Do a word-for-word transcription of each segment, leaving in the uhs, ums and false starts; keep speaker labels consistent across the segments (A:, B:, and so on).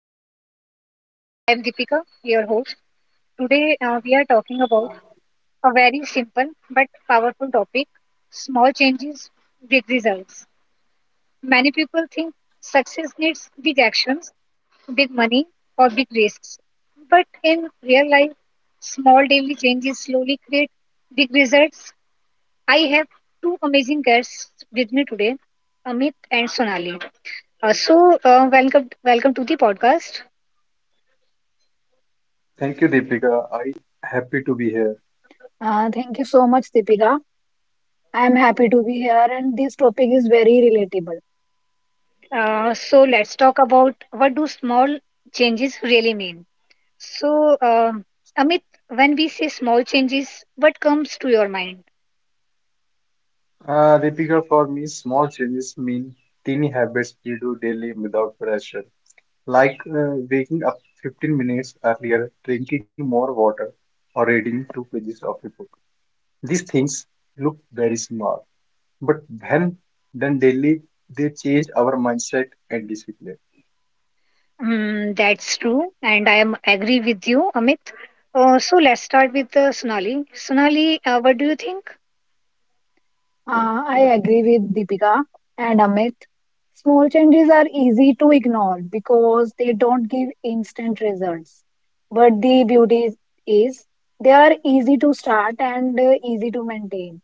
A: podcast. I am Deepika, your host. Today, uh, we are talking about a very simple but powerful topic, small changes, big results. Many people think success needs big actions, big money, or big risks. But in real life, small daily changes slowly create big results. I have two amazing guests with me today, Amit and Sonali. Uh, so, uh, welcome, welcome to the podcast.
B: Thank you, Deepika. I happy to be here.
C: Uh, thank you so much, Deepika. I am happy to be here, and this topic is very relatable.
A: Uh, so, let's talk about what do small changes really mean. So, um, Amit, when we say small changes, what comes to your mind?
B: Uh, Deepika, for me, small changes mean teeny habits we do daily without pressure, like uh, waking up fifteen minutes earlier, drinking more water, or reading two pages of a book. These things look very small, but when done daily, they change our mindset and discipline.
A: Mm, that's true, and I am agree with you, Amit. Uh, so, let's start with uh, Sonali. Sonali, uh, what do you think?
C: Uh, I agree with Deepika and Amit. Small changes are easy to ignore because they don't give instant results. But the beauty is they are easy to start and uh, easy to maintain.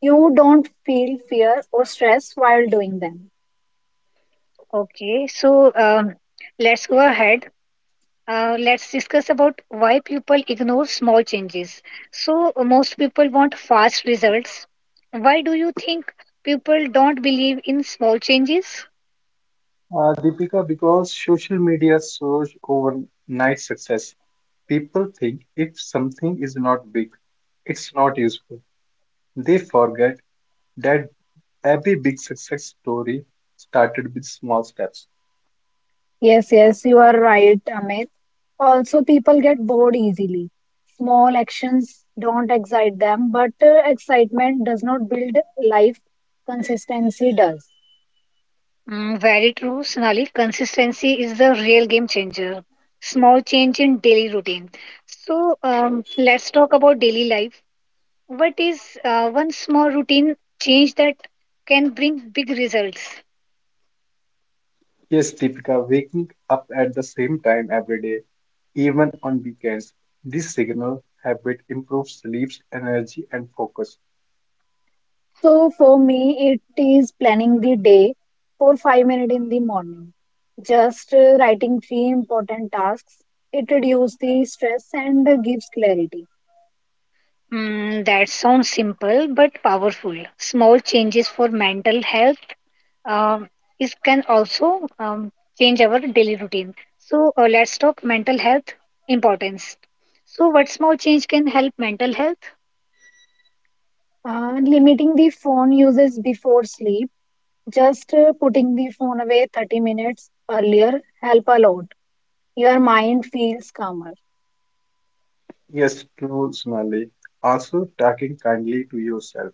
C: You don't feel fear or stress while doing them.
A: Okay, so um, let's go ahead. Uh, let's discuss about why people ignore small changes. So, uh, most people want fast results. Why do you think people don't believe in small changes?
B: Uh, Deepika, because social media shows overnight success. People think if something is not big, it's not useful. They forget that every big success story started with small steps.
C: Yes, yes, you are right, Amit. Also, people get bored easily. Small actions don't excite them, but uh, excitement does not build life, consistency does.
A: Mm, very true, Sonali. Consistency is the real game changer. Small change in daily routine. So, um, let's talk about daily life. What is uh, one small routine change that can bring big results?
B: Yes, Deepika, waking up at the same time every day, even on weekends, this signal habit improves sleep, energy, and focus.
C: So, for me, it is planning the day for five minutes in the morning, just uh, writing few important tasks. It reduces the stress and uh, gives clarity.
A: Mm, that sounds simple but powerful. Small changes for mental health um, is can also um, change our daily routine. So uh, let's talk mental health importance. So what small change can help mental health?
C: Uh, limiting the phone uses before sleep. Just uh, putting the phone away thirty minutes earlier help a lot. Your mind feels calmer.
B: Yes, true, Sonali. Also, talking kindly to yourself.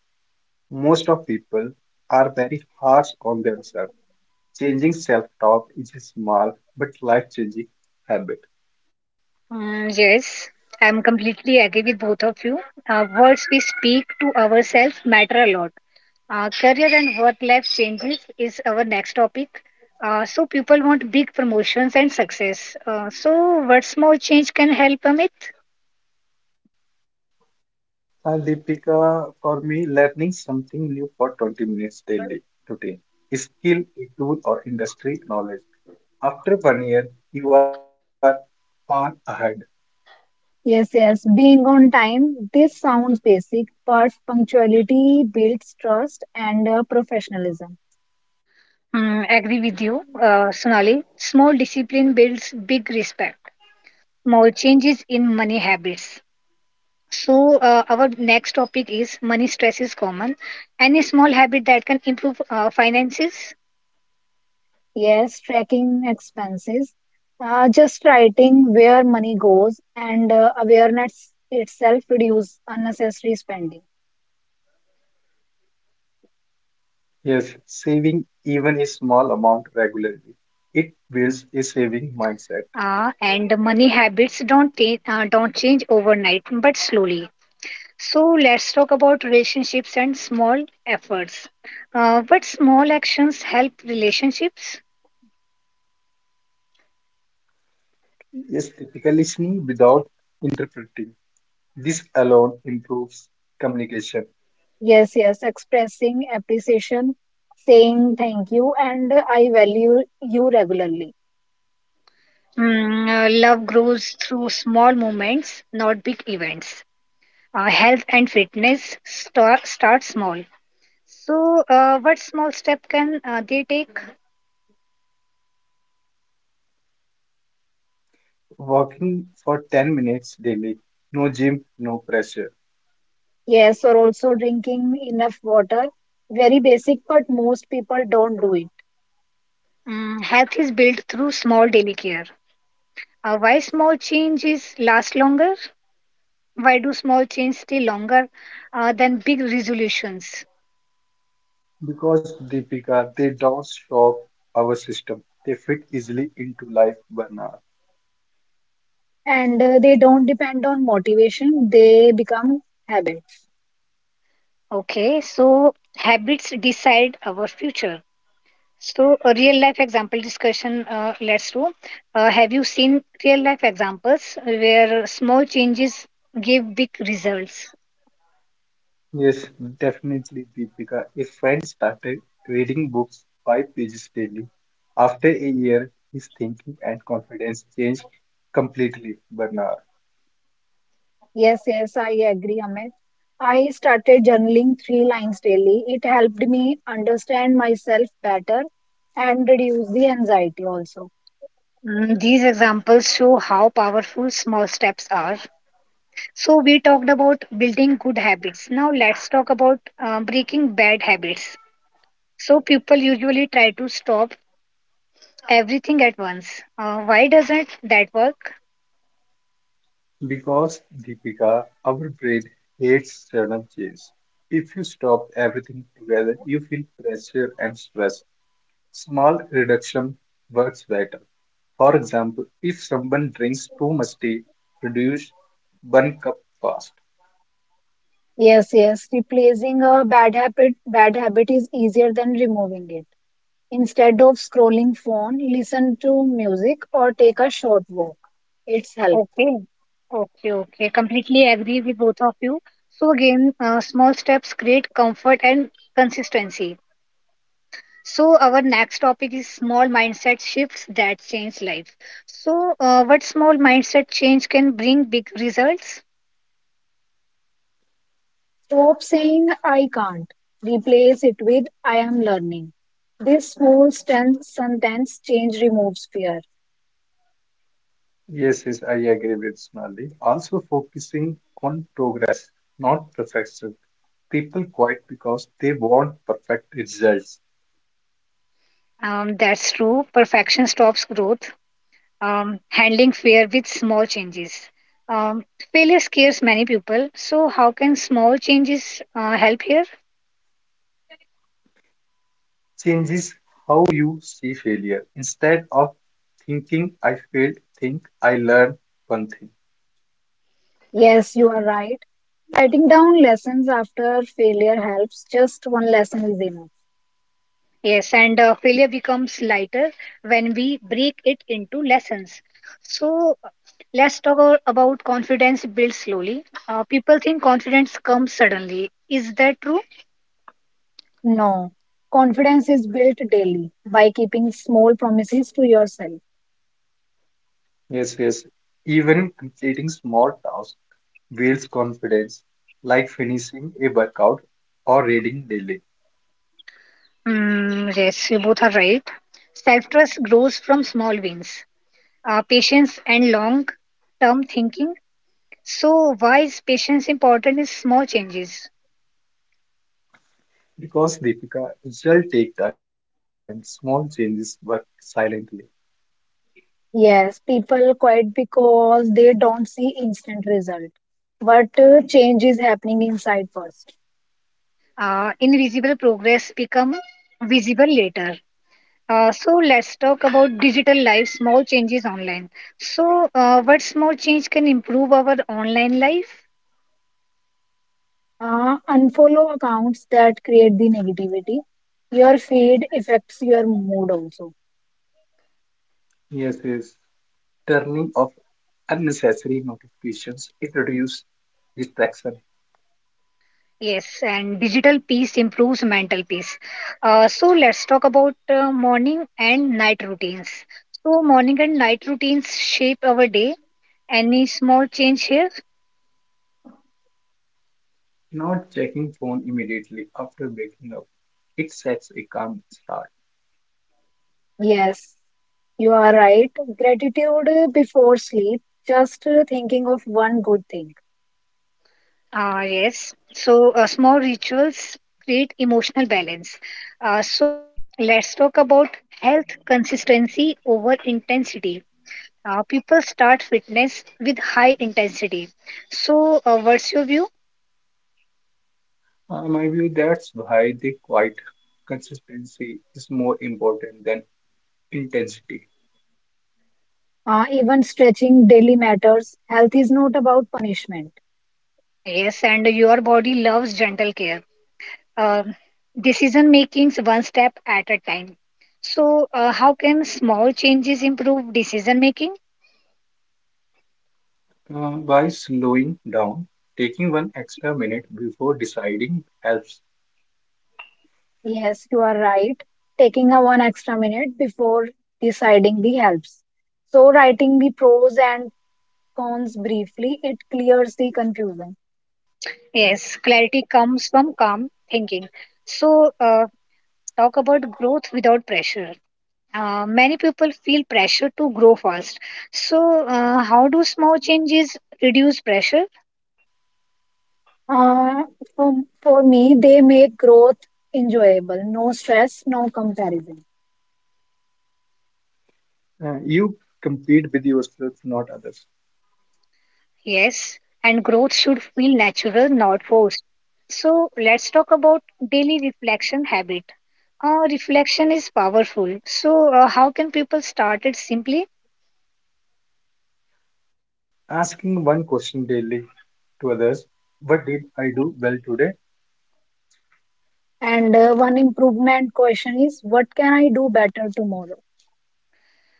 B: Most of people are very harsh on themselves. Changing self-talk is a small but life-changing habit.
A: Mm, yes, I'm completely agree with both of you. Uh, words we speak to ourselves matter a lot. Uh, career and work life changes is our next topic. Uh, so people want big promotions and success. Uh, so what small change can help, Amit?
B: And Deepika, for me, learning something new for twenty minutes daily today a skill, a tool, or industry knowledge. After one year, you are far ahead.
C: Yes, yes, being on time, this sounds basic, but punctuality builds trust and uh, professionalism.
A: Mm, agree with you, uh, Sonali. Small discipline builds big respect. Small changes in money habits. So, uh, our next topic is money stress is common. Any small habit that can improve uh, finances.
C: Yes, tracking expenses, uh, just writing where money goes and uh, awareness itself reduce unnecessary spending.
B: Yes, saving even a small amount regularly. It builds a saving mindset.
A: Uh, and money habits don't ta- uh, don't change overnight, but slowly. So, let's talk about relationships and small efforts. Uh, what small actions help relationships?
B: Yes, typically listening without interpreting. This alone improves communication.
C: Yes, yes, expressing appreciation, saying thank you and uh, I value you regularly.
A: Mm, uh, love grows through small moments, not big events. Uh, health and fitness start start small. So uh, what small step can uh, they take?
B: Walking for ten minutes daily, no gym, no pressure.
C: Yes, or also drinking enough water. Very basic, but most people don't do it.
A: Mm, health is built through small daily care. Uh, why small changes last longer? Why do small changes stay longer uh, than big resolutions?
B: Because Deepika, they don't shock our system. They fit easily into life burnout.
C: And uh, they don't depend on motivation, they become habits.
A: Okay, so habits decide our future. So a real life example discussion. Uh, let's do uh, Have you seen real life examples where small changes give big results?
B: Yes, definitely Deepika. A friend started reading books five pages daily, after a year, his thinking and confidence changed completely, Bernard.
C: Yes, yes, I agree, Amit. I started journaling three lines daily. It helped me understand myself better and reduce the anxiety also.
A: Mm, these examples show how powerful small steps are. So, we talked about building good habits. Now, let's talk about uh, breaking bad habits. So, people usually try to stop everything at once. Uh, why doesn't that work?
B: Because Deepika, our brain hates sudden change. If you stop everything together, you feel pressure and stress. Small reduction works better. For example, if someone drinks too much tea, reduce one cup fast.
C: Yes, yes, replacing a bad habit, bad habit is easier than removing it. Instead of scrolling phone, listen to music or take a short walk. It's help.
A: Okay, okay, okay. Completely agree with both of you. So, again, uh, small steps create comfort and consistency. So, our next topic is small mindset shifts that change life. So, uh, what small mindset change can bring big results?
C: Stop saying I can't. Replace it with I am learning. This small sten- sentence change removes fear.
B: Yes, yes, I agree with Sonali. Also focusing on progress, not perfection. People quit because they want perfect results.
A: Um, that's true. Perfection stops growth. Um, handling fear with small changes. Um, failure scares many people. So, how can small changes uh, help here?
B: Changes how you see failure. Instead of thinking I failed, think I learned one thing.
C: Yes, you are right. Writing down lessons after failure helps. Just one lesson is enough.
A: Yes, and uh, failure becomes lighter when we break it into lessons. So, let's talk a- about confidence built slowly. Uh, people think confidence comes suddenly. Is that true?
C: No. Confidence is built daily by keeping small promises to yourself.
B: Yes, yes. Even completing small tasks builds confidence, like finishing a workout or reading daily.
A: Mm, yes, you both are right. Self trust grows from small wins, uh, patience, and long term thinking. So, why is patience important in small changes?
B: Because Deepika, results take time, small changes work silently.
C: Yes, people quit because they don't see instant result. But uh, change is happening inside first.
A: Uh, invisible progress become visible later. Uh, so let's talk about digital life, small changes online. So, uh, what small change can improve our online life?
C: Uh, unfollow accounts that create the negativity. Your feed affects your mood also.
B: Yes, yes. Turning off unnecessary notifications, it reduces distraction.
A: Yes, and digital peace improves mental peace. Uh, so let's talk about uh, morning and night routines. So morning and night routines shape our day. Any small change here?
B: Not checking phone immediately after waking up, it sets a calm start.
C: Yes, you are right. Gratitude uh, before sleep, just uh, thinking of one good thing.
A: Uh, yes. So uh, small rituals create emotional balance. Uh, so let's talk about health consistency over intensity. Uh, people start fitness with high intensity. So uh, what's your view?
B: Uh, my view that's why the quiet consistency is more important than intensity.
C: Uh, even stretching daily matters. Health is not about punishment.
A: Yes, and your body loves gentle care. Um, decision makings one step at a time. So, uh, how can small changes improve decision making?
B: Uh, by slowing down, taking one extra minute before deciding helps.
C: Yes, you are right. Taking a one extra minute before deciding the helps. So writing the pros and cons briefly, it clears the confusion.
A: Yes, clarity comes from calm thinking. So, uh, talk about growth without pressure. Uh, many people feel pressure to grow fast. So, uh, how do small changes reduce pressure?
C: Uh, for, for me, they make growth enjoyable. No stress, no comparison.
B: Uh, you compete with yourself, not others.
A: Yes, and growth should feel natural, not forced. So let's talk about daily reflection habit. Uh, reflection is powerful. So uh, how can people start it simply?
B: Asking one question daily to others, what did I do well today?
C: And uh, one improvement question is, what can I do better tomorrow?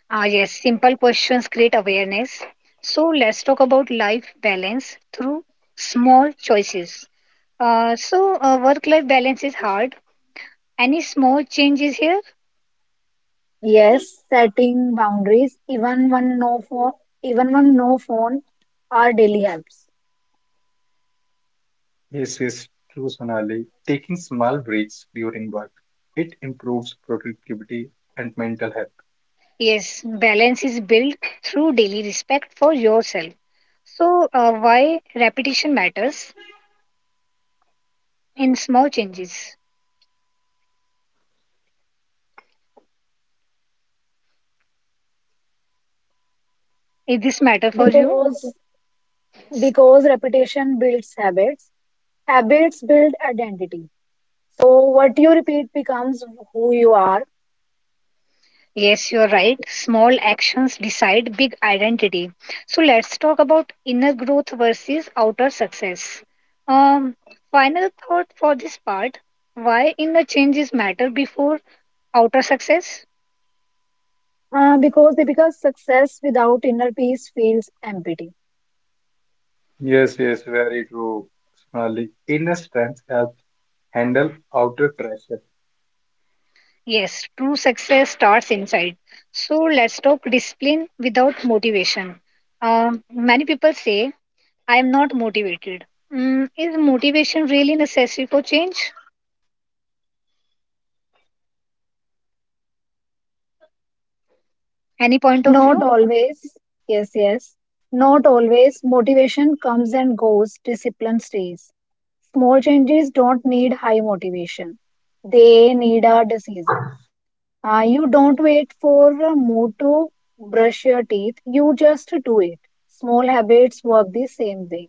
A: Ah, yes, simple questions create awareness. So let's talk about life balance through small choices. Uh, so uh, work-life balance is hard. Any small changes here?
C: Yes, setting boundaries, even one no phone, even one no phone, are daily helps.
B: This is true, Sonali. Taking small breaks during work, it improves productivity and mental health.
A: Yes, balance is built through daily respect for yourself. So, uh, why repetition matters in small changes? Is this matter for you?
C: Because because repetition builds habits, habits build identity. So what you repeat becomes who you are.
A: Yes, you're right. Small actions decide big identity. So, let's talk about inner growth versus outer success. Um, final thought for this part, why inner changes matter before outer success?
C: Uh, because because success without inner peace feels empty.
B: Yes, yes, very true, Sonali. Inner strength helps handle outer pressure.
A: Yes, true success starts inside. So let's talk discipline without motivation. Um, many people say, I am not motivated. Mm, is motivation really necessary for change?
B: Not always, Deepika. Motivation comes and goes.
A: Any point of
B: Discipline
C: Not
A: view?
B: stays.
C: always. Yes, yes, not always. Motivation comes and goes, discipline stays. Small changes don't need high motivation, they need a decision. Uh, you don't wait for a mood to brush your teeth. You just do it. Small habits work the same way.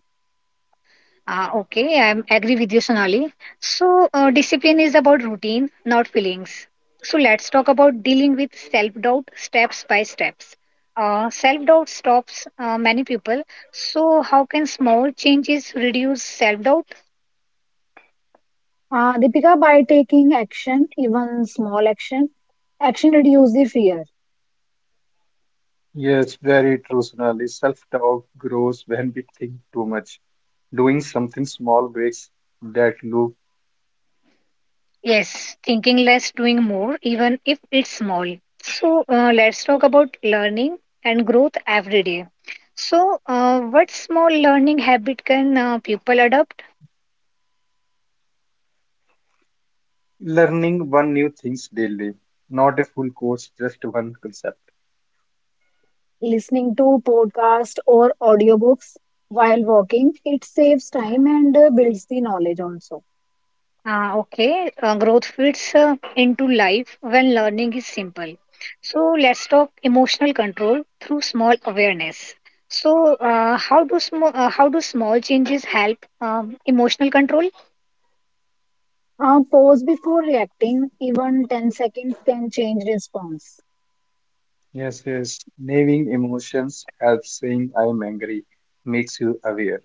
A: Ah, okay, I am agree with you, Sonali. So, uh, discipline is about routine, not feelings. So, let's talk about dealing with self doubt steps by steps. Uh, self doubt stops uh, many people. So, how can small changes reduce self doubt?
C: Uh, Deepika, by taking action, even small action, action reduce the fear.
B: Yes, very true, Sonali. Self-doubt grows when we think too much. Doing something small breaks that loop.
A: Yes, thinking less, doing more, even if it's small. So, uh, let's talk about learning and growth every day. So, uh, what small learning habit can uh, people adopt?
B: Learning one new things daily. Not a full course, just one concept.
C: Listening to podcast or audiobooks while walking, it saves time and uh, builds the knowledge also.
A: Uh, okay, uh, Growth fits uh, into life when learning is simple. So, let's talk emotional control through small awareness. So, uh, how do sm- uh, how do small changes help um, emotional control?
C: Uh, pause before reacting. Even ten seconds can change response.
B: Yes, yes. Naming emotions helps saying I am angry makes you aware.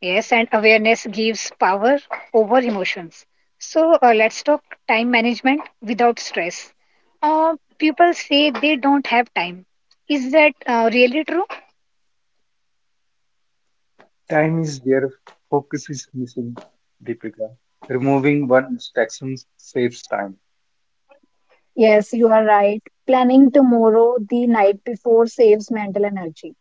A: Yes, and awareness gives power over emotions. So uh, let's talk time management without stress. Uh, people say they don't have time. Is that uh, really true?
B: Time is there, focus is missing, Deepika. Removing one distraction saves time.
C: Yes, you are right. Planning tomorrow the night before saves mental energy.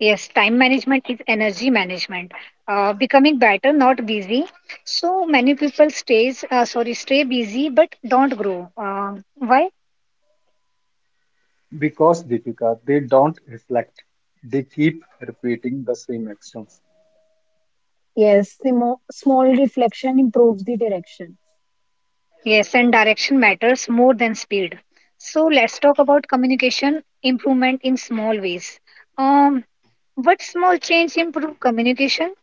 A: Yes, time management is energy management. Uh, becoming better, not busy. So many people stays uh, sorry stay busy but don't grow. Uh, why?
B: Because Deepika, they don't reflect. They keep repeating the same actions,
C: Yes, the mo- small reflection improves the direction.
A: Yes, and direction matters more than speed. So let's talk about communication improvement in small ways. Um, What small change improve communication?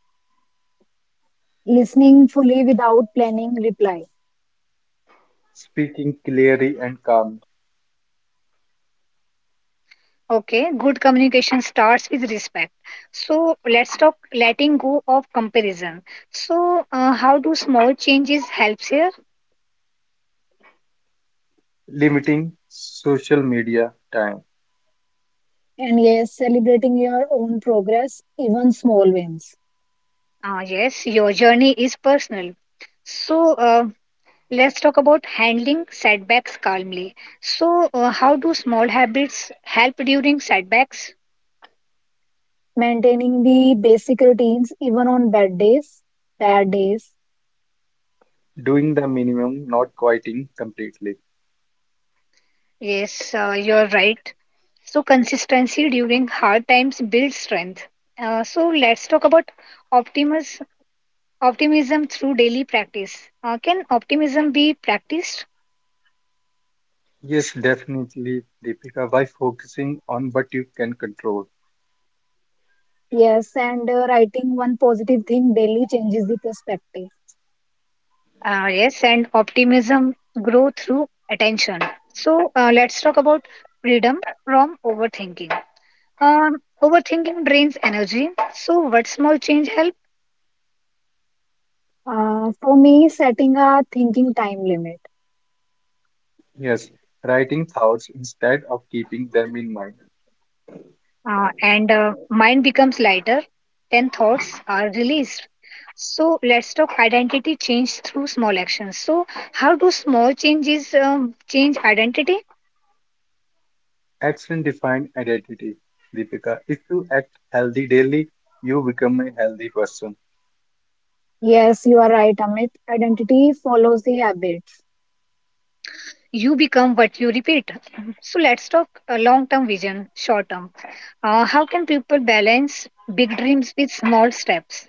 C: Listening fully without planning reply.
B: speaking clearly and calmly,
A: Okay, good communication starts with respect. So let's talk letting go of comparison. So uh, how do small changes helps here?
B: limiting social media time,
C: And yes, celebrating your own progress, even small wins.
A: Ah, yes, your journey is personal. So uh, let's talk about handling setbacks calmly. So uh, how do small habits help during setbacks?
C: Maintaining the basic routines, even on bad days, bad days.
B: doing the minimum, not quieting completely.
A: Yes, uh, you're right. So consistency during hard times builds strength. Uh, so let's talk about optimal optimism through daily practice. Uh, can optimism be practiced?
B: Yes, definitely, Deepika, by focusing on what you can control.
C: Yes, and uh, writing one positive thing daily changes the perspective.
A: Uh, yes, and optimism grow through attention. So uh, let's talk about freedom from overthinking. Um, overthinking drains energy. So what small change help?
C: Uh, for me, setting a thinking time limit.
B: Yes, writing thoughts instead of keeping them in mind.
A: Uh, and uh, mind becomes lighter. Then thoughts are released. So let's talk identity change through small actions. So how do small changes um, change identity?
B: Action defined identity, Deepika. If you act healthy daily, you become a healthy person.
C: Yes, you are right, Amit. Identity follows the habits,
A: You become what you repeat. So let's talk uh, long-term vision, short-term. Uh, how can people balance big dreams with small steps?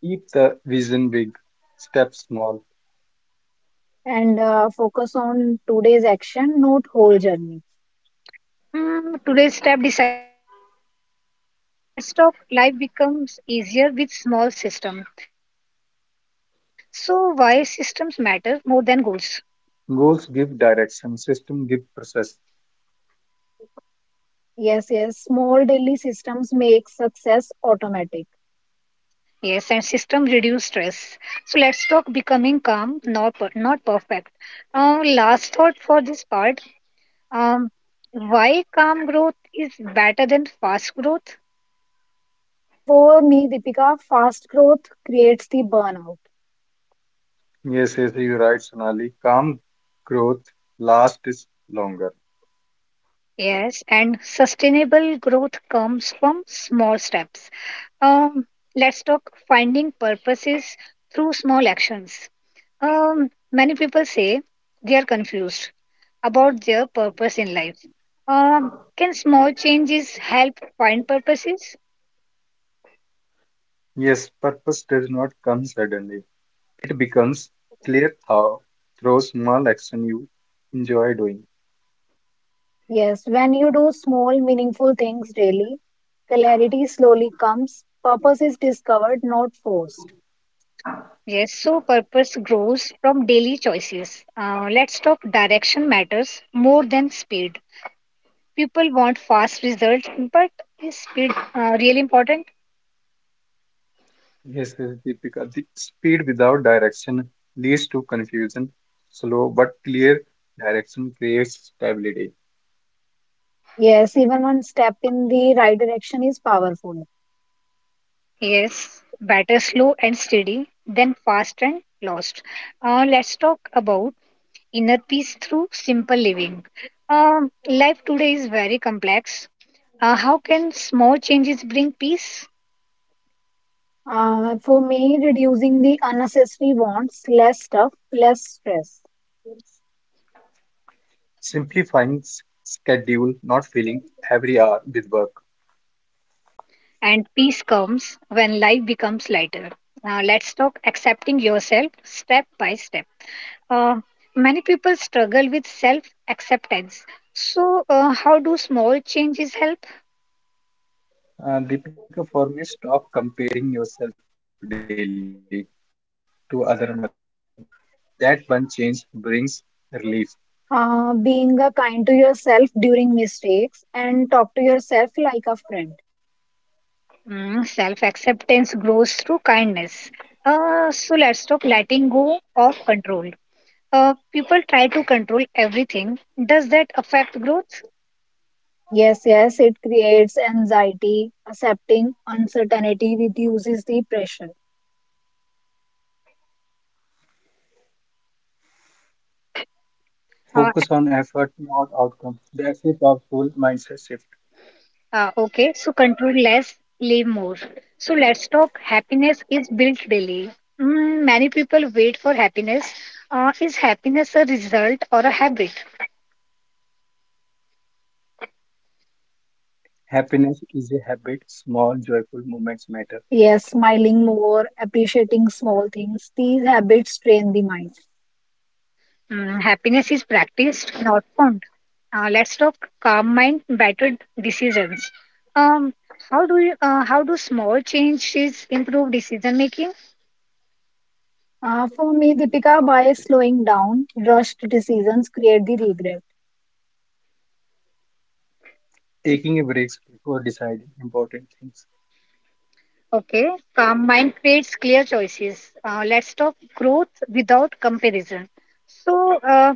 B: Keep the vision big, step small.
C: and uh, focus on today's action, not whole journey.
A: Mm, today's step decides tomorrow's success. So let's talk. Life becomes easier with small system. So why systems matter more than goals?
B: Goals give direction, system give process.
C: Yes, yes. Small daily systems make success automatic.
A: Yes, and system reduce stress. So let's talk becoming calm, not per- not perfect. Uh, last thought for this part. Um, why calm growth is better than fast growth?
C: For me, Deepika, fast growth creates the burnout.
B: Yes, yes, you're right, Sonali. Calm growth lasts longer.
A: Yes, and sustainable growth comes from small steps. Um, let's talk finding purposes through small actions. Um, many people say they are confused about their purpose in life. Um, can small changes help find purposes?
B: Yes, purpose does not come suddenly. It becomes clear how through small action you enjoy doing.
C: Yes, when you do small, meaningful things daily, clarity slowly comes, purpose is discovered, not forced.
A: Yes, so purpose grows from daily choices. Uh, let's talk direction matters more than speed. People want fast results, but is speed uh, really important?
B: Yes, yes, Deepika. The speed without direction leads to confusion. Slow but clear direction creates stability.
C: Yes, even one step in the right direction is powerful.
A: Yes, better slow and steady than fast and lost. Uh, let's talk about inner peace through simple living. Um, life today is very complex. Uh, how can small changes bring peace?
C: Uh, for me, reducing the unnecessary wants, less stuff, less stress.
B: Simply finding s- schedule, not filling every hour with work.
A: And peace comes when life becomes lighter. Now, let's talk accepting yourself step by step. Uh, many people struggle with self acceptance. So, uh, how do small changes help?
B: Uh, Deepika, for me, stop comparing yourself daily to other one. That one change brings relief.
C: Uh, being uh, kind to yourself during mistakes and talk to yourself like a friend.
A: Mm, self acceptance grows through kindness. Uh, so, let's talk letting go of control. Uh, people try to control everything. Does that affect growth?
C: Yes, yes, it creates anxiety. Accepting uncertainty reduces the pressure.
A: Uh,
B: Focus on effort, not outcome. That's a powerful mindset shift.
A: Uh, okay, so control less, live more. So let's talk happiness is built daily. Mm, many people wait for happiness. Uh, is happiness a result or a habit?
B: Happiness is a habit. Small, joyful moments matter.
C: Yes, smiling more, appreciating small things. These habits train the mind.
A: Mm, happiness is practiced, not found. Uh, let's talk calm mind, better decisions. Um, how do you, uh, how do small changes improve decision making?
C: Uh, for me, Deepika, by slowing down, rushed decisions create the regret.
B: Taking a break before deciding important things
A: Okay, calm mind creates clear choices. Uh, let's talk growth without comparison. So. Uh,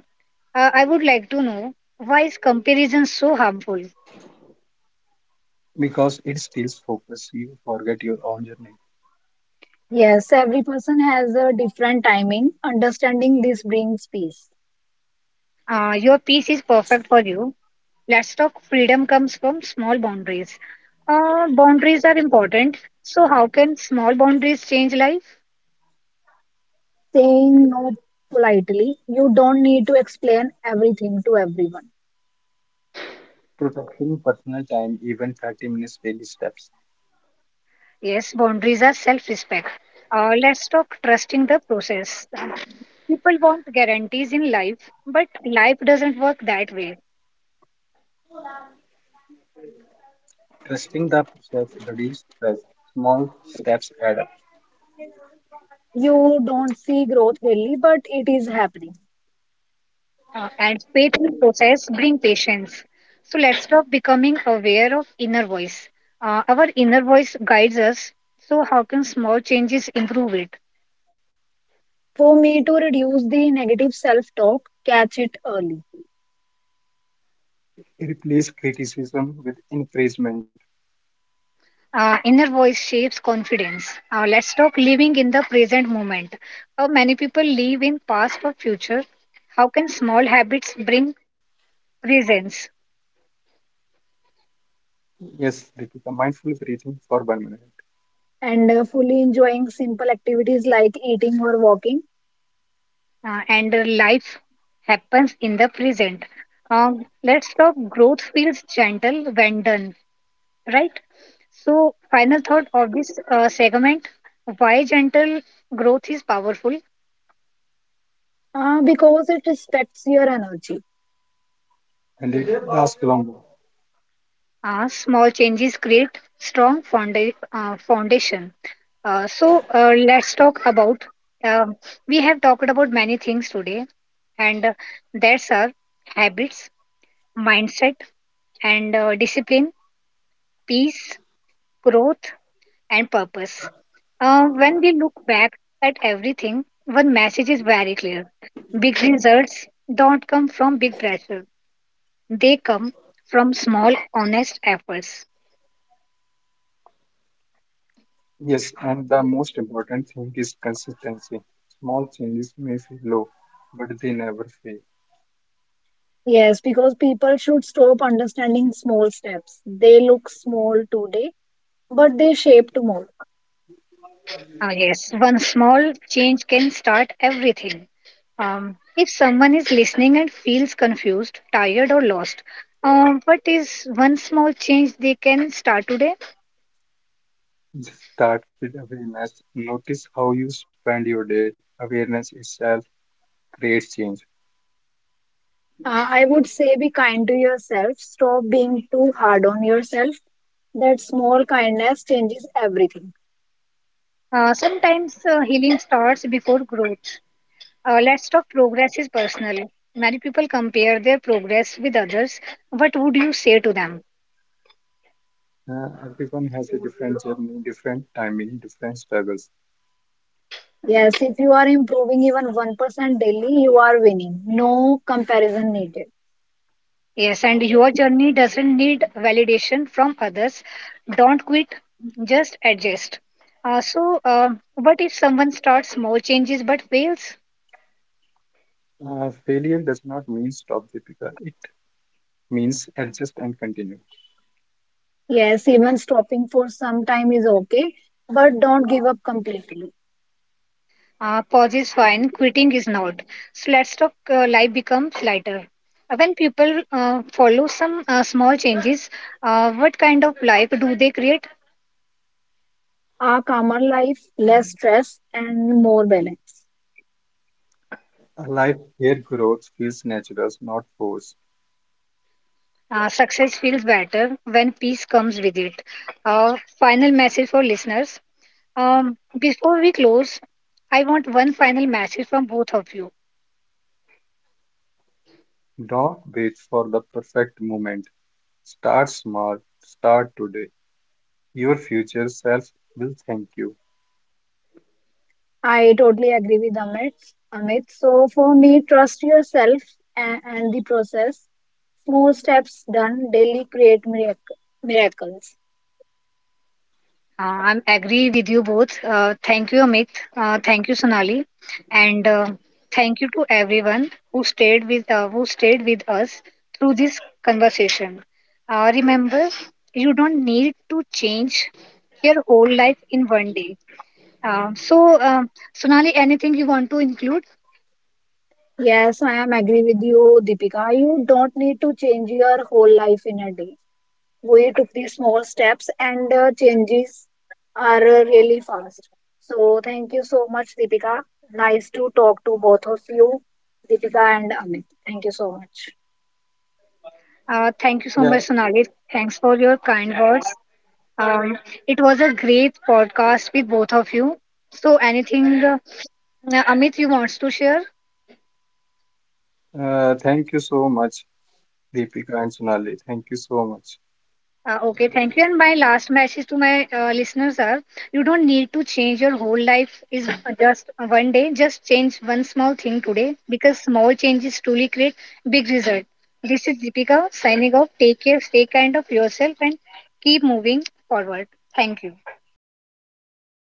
A: Uh, I would like to know, why is comparison so harmful?
B: because it steals focus. You forget your own journey.
C: Yes, every person has a different timing. Understanding this brings peace.
A: Uh, your piece is perfect for you. Let's talk freedom comes from small boundaries. Uh, boundaries are important. So, how can small boundaries change life?
C: Saying no politely, you don't need to explain everything to everyone.
B: Protecting personal time, even thirty minutes daily steps.
A: Yes, boundaries are self respect. Uh, let's talk trusting the process. People want guarantees in life, but life doesn't work that way.
B: Trusting the process reduces stress. Small steps add up.
C: You don't see growth really, but it is happening.
A: Uh, and faith in process bring patience. So let's stop becoming aware of inner voice. Uh, our inner voice guides us. So how can small changes improve it?
C: For me to reduce the negative self talk, catch it early
B: Replace criticism with encouragement.
A: Uh, inner voice shapes confidence. Uh, let's stop living in the present moment. How many people live in past or future. How can small habits bring presence?
B: Yes, Deepika, mindful breathing for one minute.
C: and uh, fully enjoying simple activities like eating or walking.
A: Uh, and uh, life happens in the present. Uh, let's stop growth feels gentle when done, right? So, final thought of this uh, segment, why gentle growth is powerful.
C: Uh, because it respects your energy.
B: And it lasts longer.
A: Uh, small changes create strong founda- uh, foundation. Uh, so, uh, let's talk about. Um, we have talked about many things today, and uh, that's our habits, mindset, and uh, discipline, peace, growth, and purpose. Uh, when we look back at everything, one message is very clear. Big results don't come from big pressure, they come from small, honest efforts.
B: Yes, and the most important thing is consistency. Small changes may feel low, but they never fail.
C: Yes, because people should stop understanding small steps. They look small today, but they shape tomorrow.
A: Uh, yes, one small change can start everything. Um, if someone is listening and feels confused, tired, or lost, um, what is one small change they can start today?
B: Just start with awareness. Notice how you spend your day. Awareness itself creates change.
C: Uh, I would say be kind to yourself, stop being too hard on yourself. That small kindness changes everything.
A: Uh, sometimes uh, healing starts before growth. Uh, let's talk progress is personal. Many people compare their progress with others. What would you say to them?
B: Uh, everyone has a different journey, different timing, different struggles.
C: Yes, if you are improving even one percent daily, you are winning. No comparison needed.
A: Yes, and your journey doesn't need validation from others. Don't quit, just adjust. Uh, so, uh, what if someone starts small changes but fails?
B: Uh, failure does not mean stop, Deepika. It means adjust and continue.
C: Yes, even stopping for some time is okay, but don't give up completely.
A: Uh, pause is fine, quitting is not. So, let's talk uh, life becomes lighter. Uh, When people uh, follow some uh, small changes, uh, what kind of life do they create?
C: A calmer life, less stress, and more balance.
B: A life where growth feels natural, not forced.
A: Uh, success feels better when peace comes with it. Uh, final message for listeners. Um, before we close, I want one final message from both of you.
B: Don't wait for the perfect moment. Start small. Start today. Your future self will thank you.
C: I totally agree with Amit. Amit. So for me, trust yourself and, and the process. Small steps done daily create miracle, miracles.
A: Uh, I'm agree with you both. Uh, thank you, Amit. Uh, thank you, Sonali, and uh, thank you to everyone who stayed with uh, who stayed with us through this conversation. Uh, remember, you don't need to change your whole life in one day. Uh, so, um Sonali, anything you want to include?
C: Yes, I am agree with you, Deepika. You don't need to change your whole life in a day. We took these small steps and uh, changes are uh, really fast. So thank you so much, Deepika. Nice to talk to both of you, Deepika and Amit. Thank you so much.
A: Uh, thank you so
B: Yeah,
A: much, Sonali. Thanks for your kind words. Um, it was a great podcast with both of you. So, anything uh, Amit you wants to share?
B: uh, thank you so much, Deepika and Sonali. Thank you so much.
A: Uh, okay, thank you. And my last message to my uh, listeners are: you don't need to change your whole life. Is just one day. Just change one small thing today because small changes truly create big result. This is Deepika signing off. Take care, stay kind of yourself, and keep moving forward. Thank you.